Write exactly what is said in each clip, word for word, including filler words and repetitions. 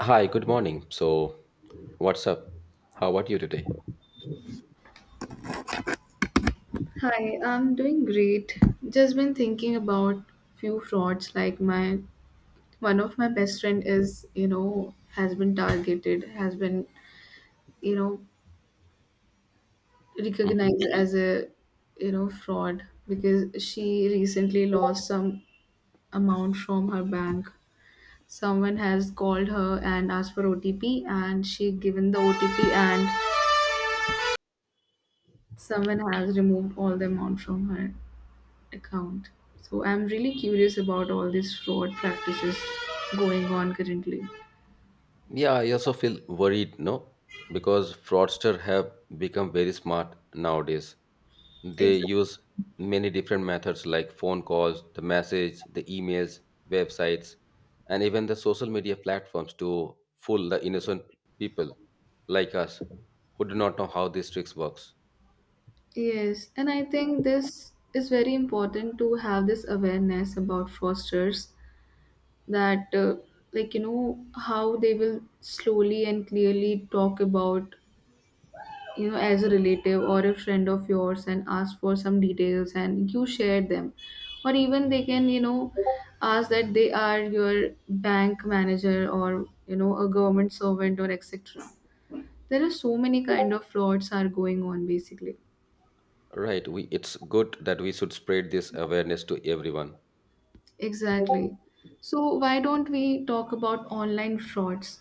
Hi, good morning. So, what's up? How are you today? Hi, I'm doing great. Just been thinking about few frauds like my one of my best friend is, you know, has been targeted, has been, you know, hmm recognized as a, you know, fraud because she recently lost some amount from her bank. Someone has called her and asked for O T P and she given the O T P and someone has removed all the amount from her. account. So I'm really curious about all these fraud practices going on currently. Yeah, I also feel worried, no? Because fraudsters have become very smart nowadays. They Exactly. use many different methods like phone calls, the message, the emails, websites, and even the social media platforms to fool the innocent people like us who do not know how these tricks works. Yes, and I think this is very important to have this awareness about fosters that, uh, like, you know, how they will slowly and clearly talk about you know as a relative or a friend of yours and ask for some details and you share them, or even they can, you know, ask that they are your bank manager or, you know, a government servant or etc. There are so many kind of frauds are going on basically. Right, we it's good that we should spread this awareness to everyone. Exactly. So why don't we talk about online frauds?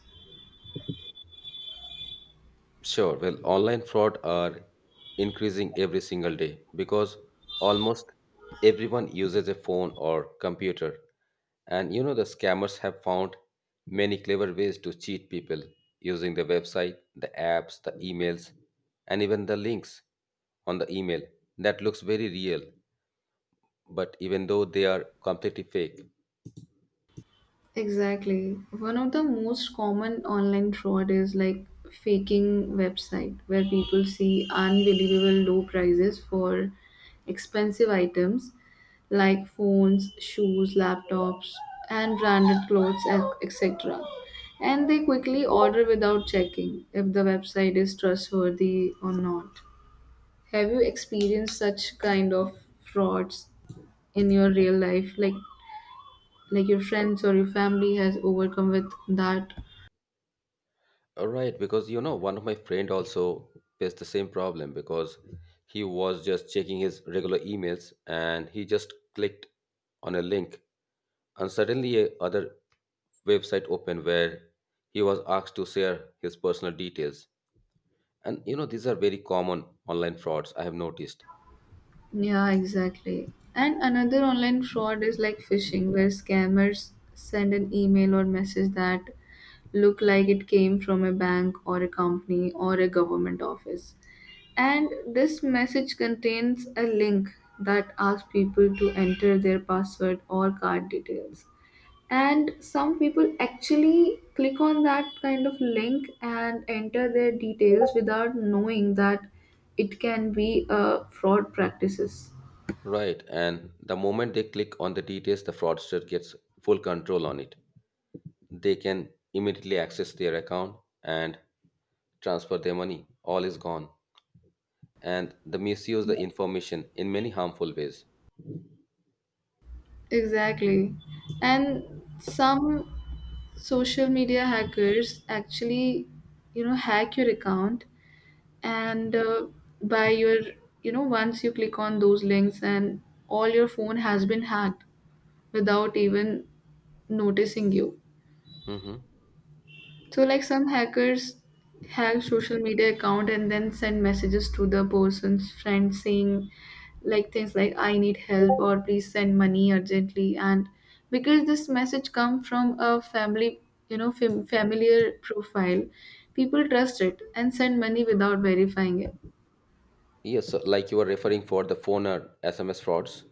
Sure. Well, online fraud are increasing every single day because almost everyone uses a phone or computer. And you know, the scammers have found many clever ways to cheat people using the website, the apps, the emails, and even the links on the email that looks very real, but even though they are completely fake. Exactly. One of the most common online fraud is like faking website where people see unbelievable low prices for expensive items like phones, shoes, laptops, and branded clothes, et- etc. And they quickly order without checking if the website is trustworthy or not. Have you experienced such kind of frauds in your real life? Like like your friends or your family has overcome with that. Uh, Right, because you know, one of my friend also faced the same problem because he was just checking his regular emails and he just clicked on a link and suddenly a other website opened where he was asked to share his personal details. And you know, these are very common online frauds, I have noticed. Yeah, exactly. And another online fraud is like phishing, where scammers send an email or message that look like it came from a bank or a company or a government office, and this message contains a link that asks people to enter their password or card details, and some people actually click on that kind of link and enter their details without knowing that it can be, uh, fraud practices. Right, and the moment they click on the details, the fraudster gets full control on it. They can immediately access their account and transfer their money. All is gone. And they misuse the information in many harmful ways. Exactly. And some social media hackers actually, you know, hack your account and, uh, by your, you know, once you click on those links and all your phone has been hacked without even noticing you. Mhm. So like some hackers hack social media account and then send messages to the person's friend saying like things like I need help or please send money urgently, and because this message come from a family, you know, fam- familiar profile, people trust it and send money without verifying it. Yes, so like you are referring for the phone or S M S frauds.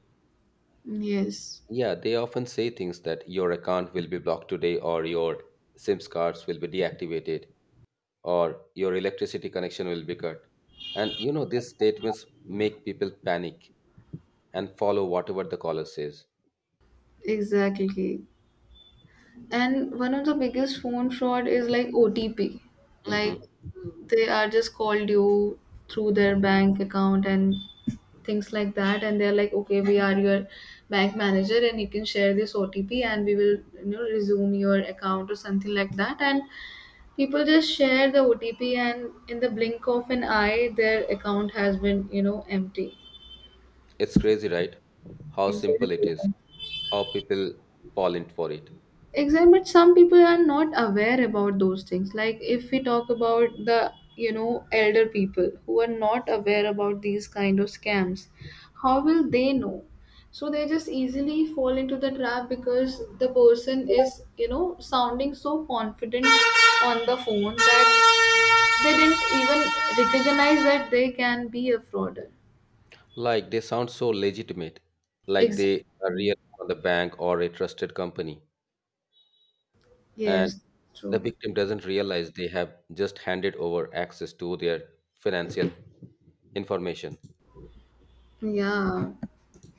Yes. Yeah, they often say things that your account will be blocked today, or your SIMs cards will be deactivated, or your electricity connection will be cut. And you know, these statements make people panic and follow whatever the caller says. Exactly. And one of the biggest phone fraud is like O T P. Like hmm they are just called you through their bank account and things like that, and they're like, okay, we are your bank manager and you can share this O T P and we will, you know, resume your account or something like that, and people just share the O T P and in the blink of an eye their account has been, you know, empty. It's crazy, right? How simple it Exactly. is, how people fall in for it. Exactly, but some people are not aware about those things. Like if we talk about the, you know, elder people who are not aware about these kind of scams, how will they know? So they just easily fall into the trap because the person is, you know, sounding so confident on the phone that they didn't even recognize that they can be a frauder. Like they sound so legitimate, like they are Exactly. real on the bank or a trusted company. And Yes, the true. victim doesn't realize they have just handed over access to their financial information. Yeah,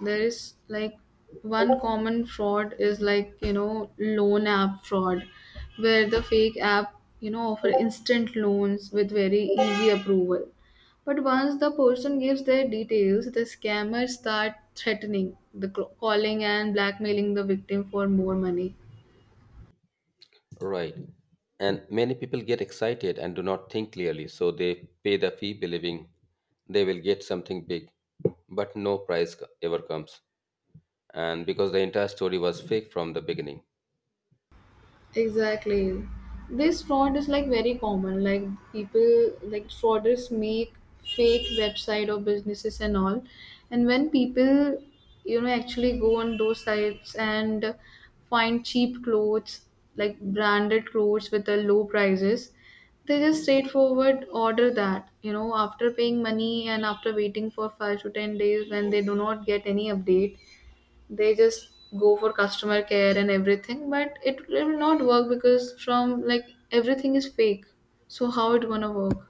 there is like one common fraud is like, you know, loan app fraud, where the fake app, you know, offer instant loans with very easy approval. But once the person gives their details, the scammers start threatening the cl- calling and blackmailing the victim for more money. Right. And many people get excited and do not think clearly, so they pay the fee believing they will get something big, but no price co- ever comes. And because the entire story was fake from the beginning. Exactly. This fraud is like very common. Like people like fraudsters make fake website or businesses and all. And when people, you know, actually go on those sites and find cheap clothes, like branded clothes with the low prices, they just straightforward order that, you know, after paying money and after waiting for five to ten days when they do not get any update, they just go for customer care and everything, but it, it will not work because from like everything is fake, so how it gonna work?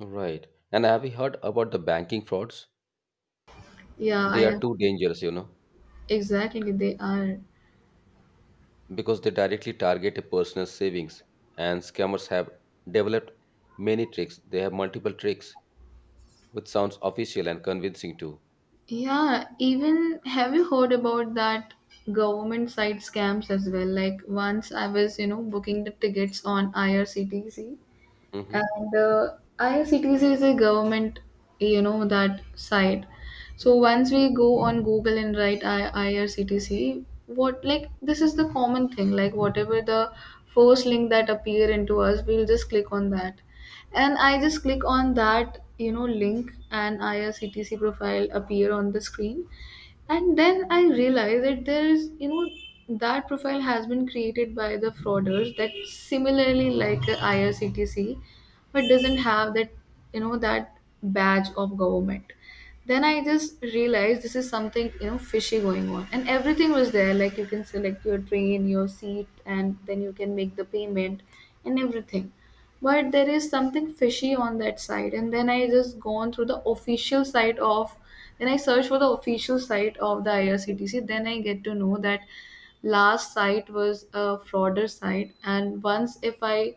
Right. And have you heard about the banking frauds? Yeah, They I, are too dangerous, you know. exactly they are. Because they directly target a person's savings and scammers have developed many tricks, they have multiple tricks which sounds official and convincing too. Yeah, even have you heard about that government side scams as well? Like once I was, you know, booking the tickets on irctc, hmm and uh, I R C T C is a government, you know, that site. So once we go on Google and write I- IRCTC, what, like this is the common thing. Like whatever the first link that appear into us, we'll just click on that, and I just click on that, you know, link and I R C T C profile appear on the screen, and then I realized that there is, you know, that profile has been created by the frauders that similarly like a I R C T C, but doesn't have that, you know, that badge of government. Then I just realized this is something, you know, fishy going on. And everything was there, like you can select your train, your seat, and then you can make the payment and everything, but there is something fishy on that site, and then I just gone through the official site of, then I search for the official site of the irctc, then I get to know that last site was a frauder site, and once if I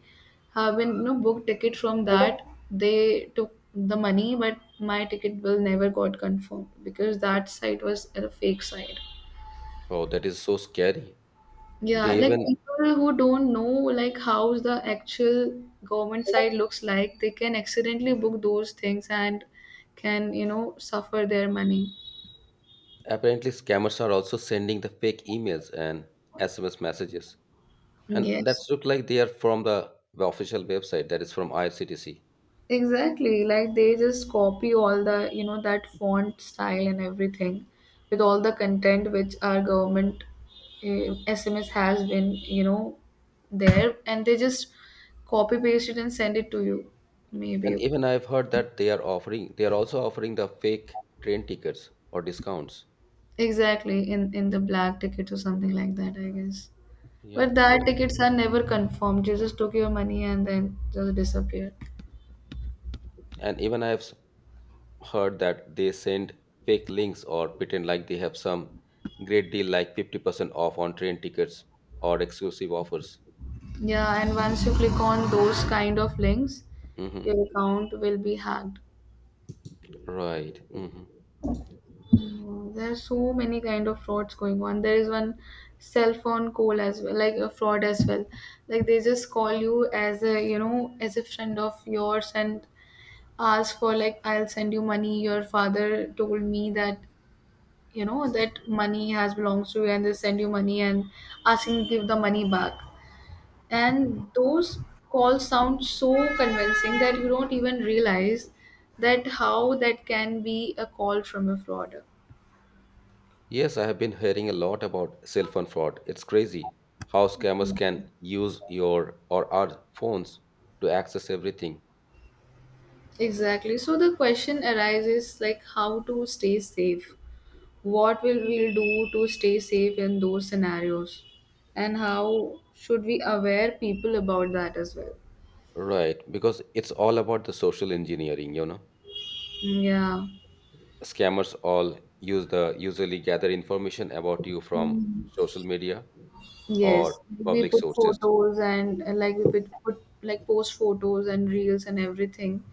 have been, you know, booked ticket from that, they took the money but my ticket will never got confirmed because that site was a fake site. oh, that is so scary. Yeah, They like even people who don't know like how the actual government side looks like, they can accidentally book those things and can, you know, suffer their money. apparently scammers are also sending the fake emails and sms messages and Yes. that's look like they are from the, the official website, that is from irctc. Exactly. Like they just copy all the, you know, that font style and everything with all the content which our government, uh, S M S has been, you know, there, and they just copy paste it and send it to you. Maybe. And even I've heard that they are offering, they are also offering the fake train tickets or discounts. Exactly, in in the black tickets or something like that, I guess. But Yep. that tickets are never confirmed. You just took your money and then just disappeared. And even i have s- heard that they send fake links or pretend like they have some great deal like fifty percent off on train tickets or exclusive offers. Yeah, and once you click on those kind of links, hmm your account will be hacked. Right. hmm Mm, there are so many kind of frauds going on. There is one cell phone call as well, like a fraud as well. Like they just call you as a, you know, as a friend of yours and ask for like I'll send you money. Your father told me that, you know, that money has belongs to you, and they send you money and asking to give the money back, and those calls sound so convincing that you don't even realize that how that can be a call from a frauder. Yes, I have been hearing a lot about cell phone fraud. It's crazy how scammers can use your or our phones to access everything. Exactly. So the question arises like how to stay safe, what will we do to stay safe in those scenarios, and how should we aware people about that as well. Right, because it's all about the social engineering, you know. Yeah. Scammers all use the usually gather information about you from social media or Yes, we public put sources. photos and, uh, like we put, put like post photos and reels and everything.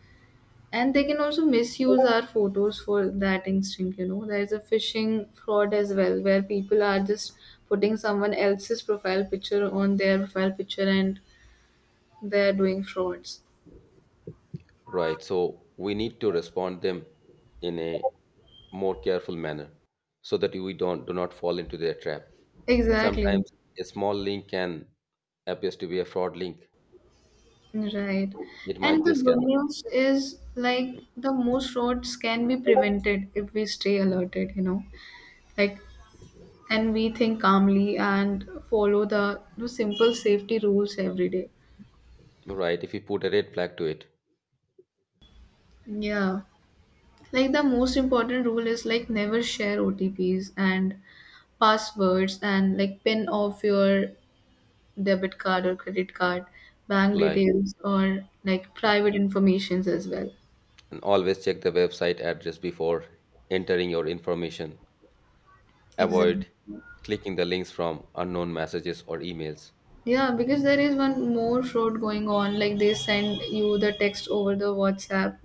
And they can also misuse our photos for that instinct, you know. There's a phishing fraud as well, where people are just putting someone else's profile picture on their profile picture and they're doing frauds. Right. So we need to respond them in a more careful manner so that we don't do not fall into their trap. Exactly. Sometimes a small link can appears to be a fraud link. Right. It And might be a the good scammer. news is like the most frauds can be prevented if we stay alerted, you know. Like, and we think calmly and follow the, the simple safety rules every day. Right. If you put a red flag to it, Yeah. Like the most important rule is like never share O T Ps and passwords and like pin off your debit card or credit card, bank like details or like private informations as well. and always check the website address before entering your information. Exactly. Avoid clicking the links from unknown messages or emails. Yeah, because there is one more fraud going on. Like they send you the text over the WhatsApp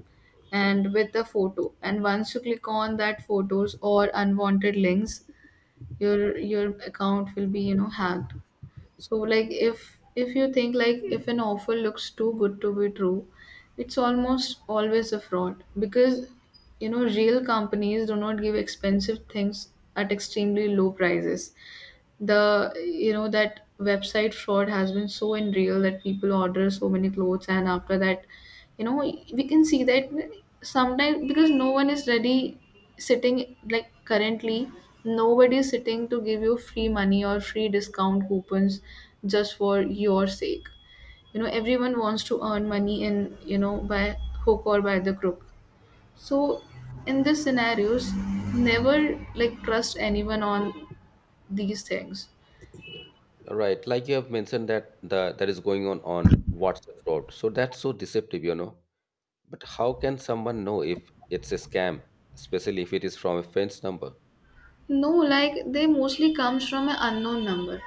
and with the photo. And once you click on that photos or unwanted links, your your account will be, you know, hacked. So like if if you think like if an offer looks too good to be true, it's almost always a fraud because, you know, real companies do not give expensive things at extremely low prices. The, you know, that website fraud has been so unreal that people order so many clothes, and after that, you know, we can see that sometimes because no one is ready sitting, like currently nobody is sitting to give you free money or free discount coupons just for your sake. You know, everyone wants to earn money in, you know, by hook or by the crook. So in these scenarios, never like trust anyone on these things. Right. Like you have mentioned that the that is going on on WhatsApp fraud. So that's so deceptive, you know. But how can someone know if it's a scam, especially if it is from a friend's number? No, like they mostly comes from an unknown number.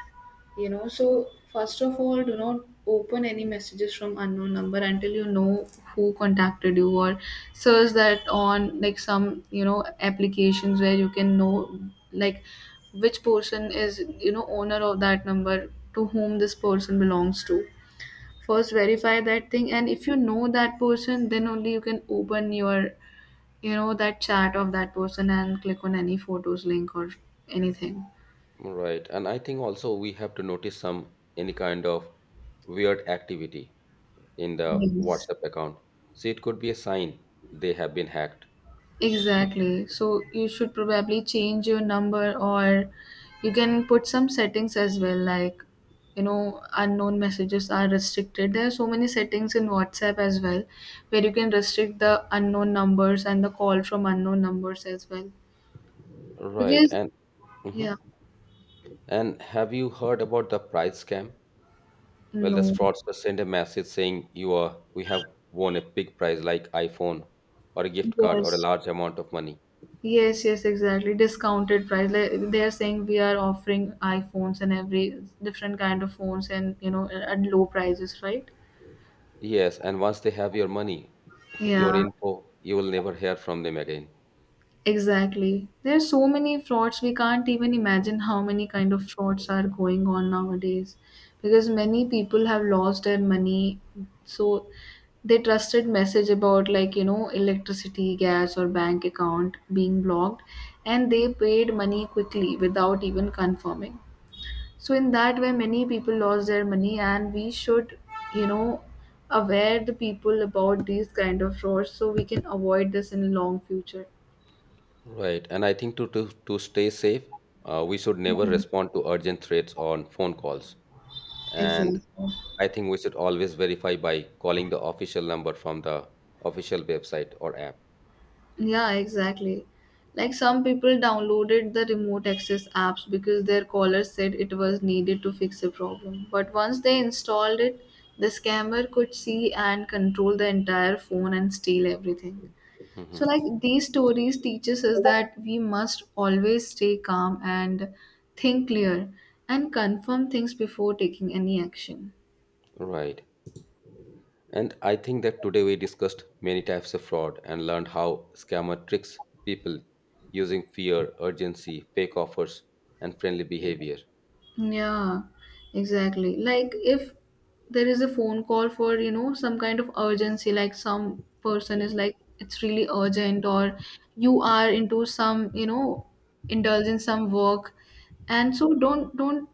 You know, so first of all, do not open any messages from unknown number until you know who contacted you, or search that on like some, you know, applications where you can know like which person is, you know, owner of that number, to whom this person belongs to. First verify that thing and if you know that person, then only you can open your, you know, that chat of that person and click on any photos link or anything. Right. And I think also we have to notice some any kind of weird activity in the Yes. WhatsApp account. So it could be a sign they have been hacked. Exactly. So you should probably change your number, or you can put some settings as well, like, you know, unknown messages are restricted. There are so many settings in WhatsApp as well where you can restrict the unknown numbers and the call from unknown numbers as well. Right. Because, And mhm. yeah, And have you heard about the prize scam? Well, the no. fraudster send a message saying you are we have won a big prize like iPhone or a gift card or a Yes. large amount of money. Yes, yes, exactly. Discounted price. Like, they are saying we are offering iPhones and every different kind of phones and, you know, at low prices, right? Yes, and once they have your money, your Yeah, info, you will never hear from them again. exactly. There are so many frauds. We can't even imagine how many kind of frauds are going on nowadays because many people have lost their money. So they trusted message about, like, you know electricity, gas or bank account being blocked and they paid money quickly without even confirming. So in that way, many people lost their money, and we should, you know, aware the people about these kind of frauds so we can avoid this in long future. Right, and I think to to, to stay safe, uh, we should never Mhm. respond to urgent threats on phone calls. Exactly. And I think we should always verify by calling the official number from the official website or app. Yeah, exactly. Like some people downloaded the remote access apps because their caller said it was needed to fix a problem. But once they installed it, the scammer could see and control the entire phone and steal everything. hmm So like these stories teaches us that we must always stay calm and think clear and confirm things before taking any action. right, and I think that today we discussed many types of fraud and learned how scammer tricks people using fear, urgency, fake offers, and friendly behavior. Yeah, exactly. Like if there is a phone call for, you know, some kind of urgency, like some person is like, it's really urgent, or you are into some, you know, indulge in some work. And so don't don't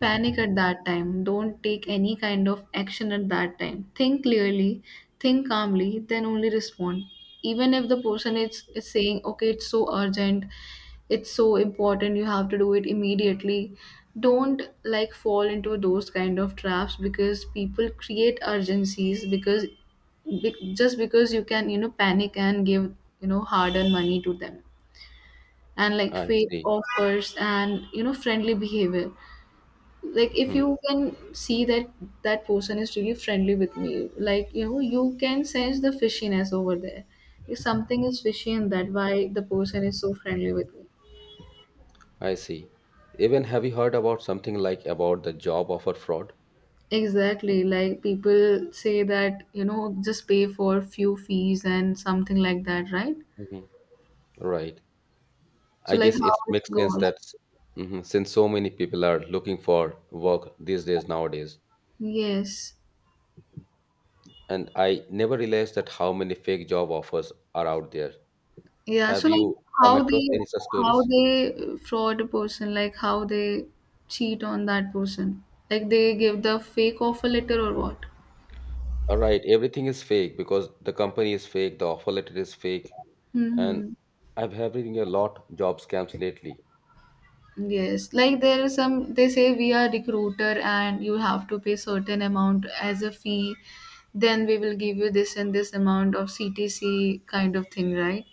panic at that time. Don't take any kind of action at that time. Think clearly, think calmly, then only respond. Even if the person is, is saying, okay, it's so urgent, it's so important, you have to do it immediately, don't like fall into those kind of traps because people create urgencies because be, just because you can, you know panic and give, you know hard earned money to them. And like I fake see. offers and, you know friendly behavior. Like, if Mhm. you can see that that person is really friendly with me, like, you know you can sense the fishiness over there. If something is fishy in that, why the person is so friendly with me? I see. Even have you heard about something like about the job offer fraud? Exactly. Like people say that, you know, just pay for few fees and something like that, right? hmm Right. So I like guess how it it makes sense goes. that s- mhm, since so many people are looking for work these days nowadays, Yes. and I never realized that how many fake job offers are out there. Yeah. Have So like you come how across they, any such how stories? they fraud a person, like how they cheat on that person. Like they give the fake offer letter or what? All right, everything is fake because the company is fake, the offer letter is fake, and Mm-hmm. I've having a lot job scams lately. Yes, like there are some, they say we are recruiter and you have to pay certain amount as a fee. Then we will give you this and this amount of C T C kind of thing, right?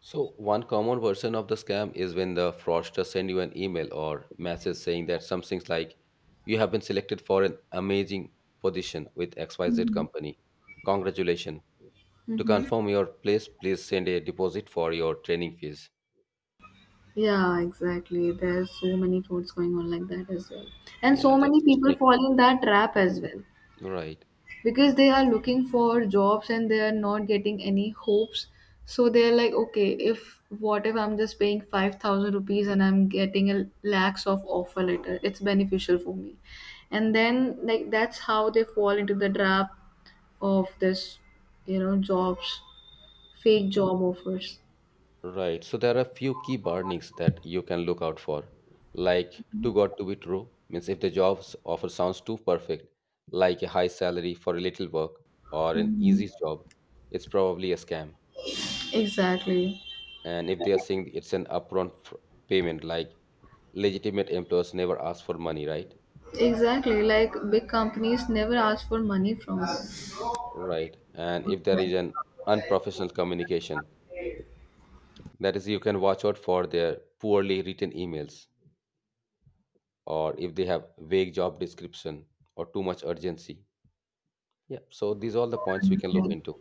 So one common version of the scam is when the fraudster send you an email or message saying that something's like you have been selected for an amazing position with X Y Z Mhm. company. Congratulations. To Mm-hmm. confirm your place, please send a deposit for your training fees. Yeah, exactly. There's so many frauds going on like that as well. And Yeah, so that's many so people sneaky. fall in that trap as well. Right. Because they are looking for jobs and they are not getting any hopes, so they're like, okay, if what if I'm just paying five thousand rupees and I'm getting a lakhs of offer letter, it's beneficial for me. And then like that's how they fall into the trap of this, you know jobs, fake job offers. Right. So there are a few key burnings that you can look out for, like too good to be true, means if the job's offer sounds too perfect, like a high salary for a little work or an easy job, it's probably a scam. Exactly. And if they are saying it's an upfront fr- payment, like legitimate employers never ask for money, right? Exactly, like big companies never ask for money from us. Right. And if there is an unprofessional communication, that is, you can watch out for their poorly written emails or if they have vague job description or too much urgency. Yeah, so these are all the points we can look into.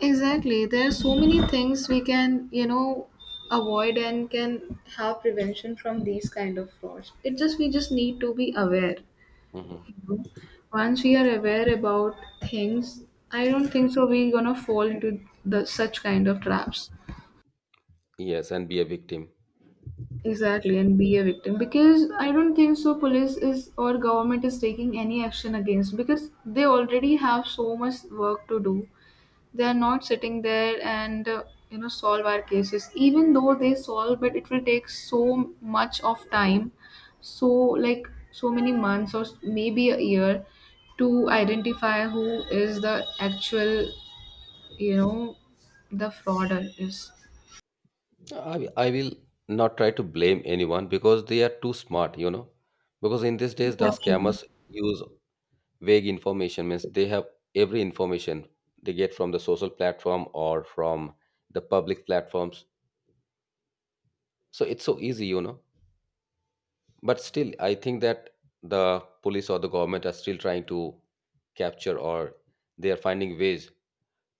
Exactly. There are so many things we can, you know, avoid and can have prevention from these kind of frauds. It just, we just need to be aware. hmm You know? Once we are aware about things, I don't think so we're gonna fall into the such kind of traps. Yes, and be a victim. Exactly, and be a victim because I don't think so. Police is or government is taking any action against because they already have so much work to do. They are not sitting there and, uh, you know, solve our cases. Even though they solve, but it will take so much of time, so like so many months or s- maybe a year to identify who is the actual, you know the frauder is. I, I will not try to blame anyone because they are too smart, you know. Because in these days, the Exactly. scammers use vague information, means they have every information they get from the social platform or from the public platforms. So it's so easy, you know. But still, I think that the police or the government are still trying to capture or they are finding ways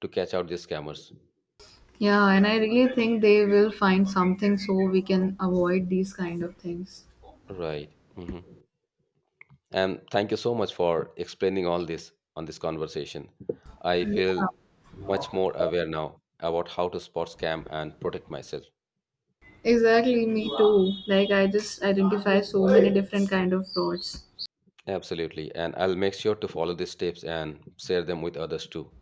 to catch out these scammers. Yeah, and I really think they will find something so we can avoid these kind of things. Right. hmm And thank you so much for explaining all this on this conversation. I feel much more aware now about how to spot scam and protect myself. Exactly, me too. Like I just identify so many different kind of frauds. Absolutely. And I'll make sure to follow these tips and share them with others too.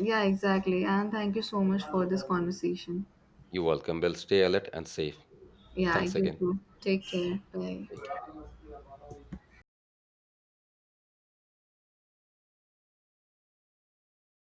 Yeah, exactly. And thank you so much for this conversation. You're welcome. Well, stay alert and safe. Yeah, Thanks you again. too. Take Yeah. care. Bye. Take care.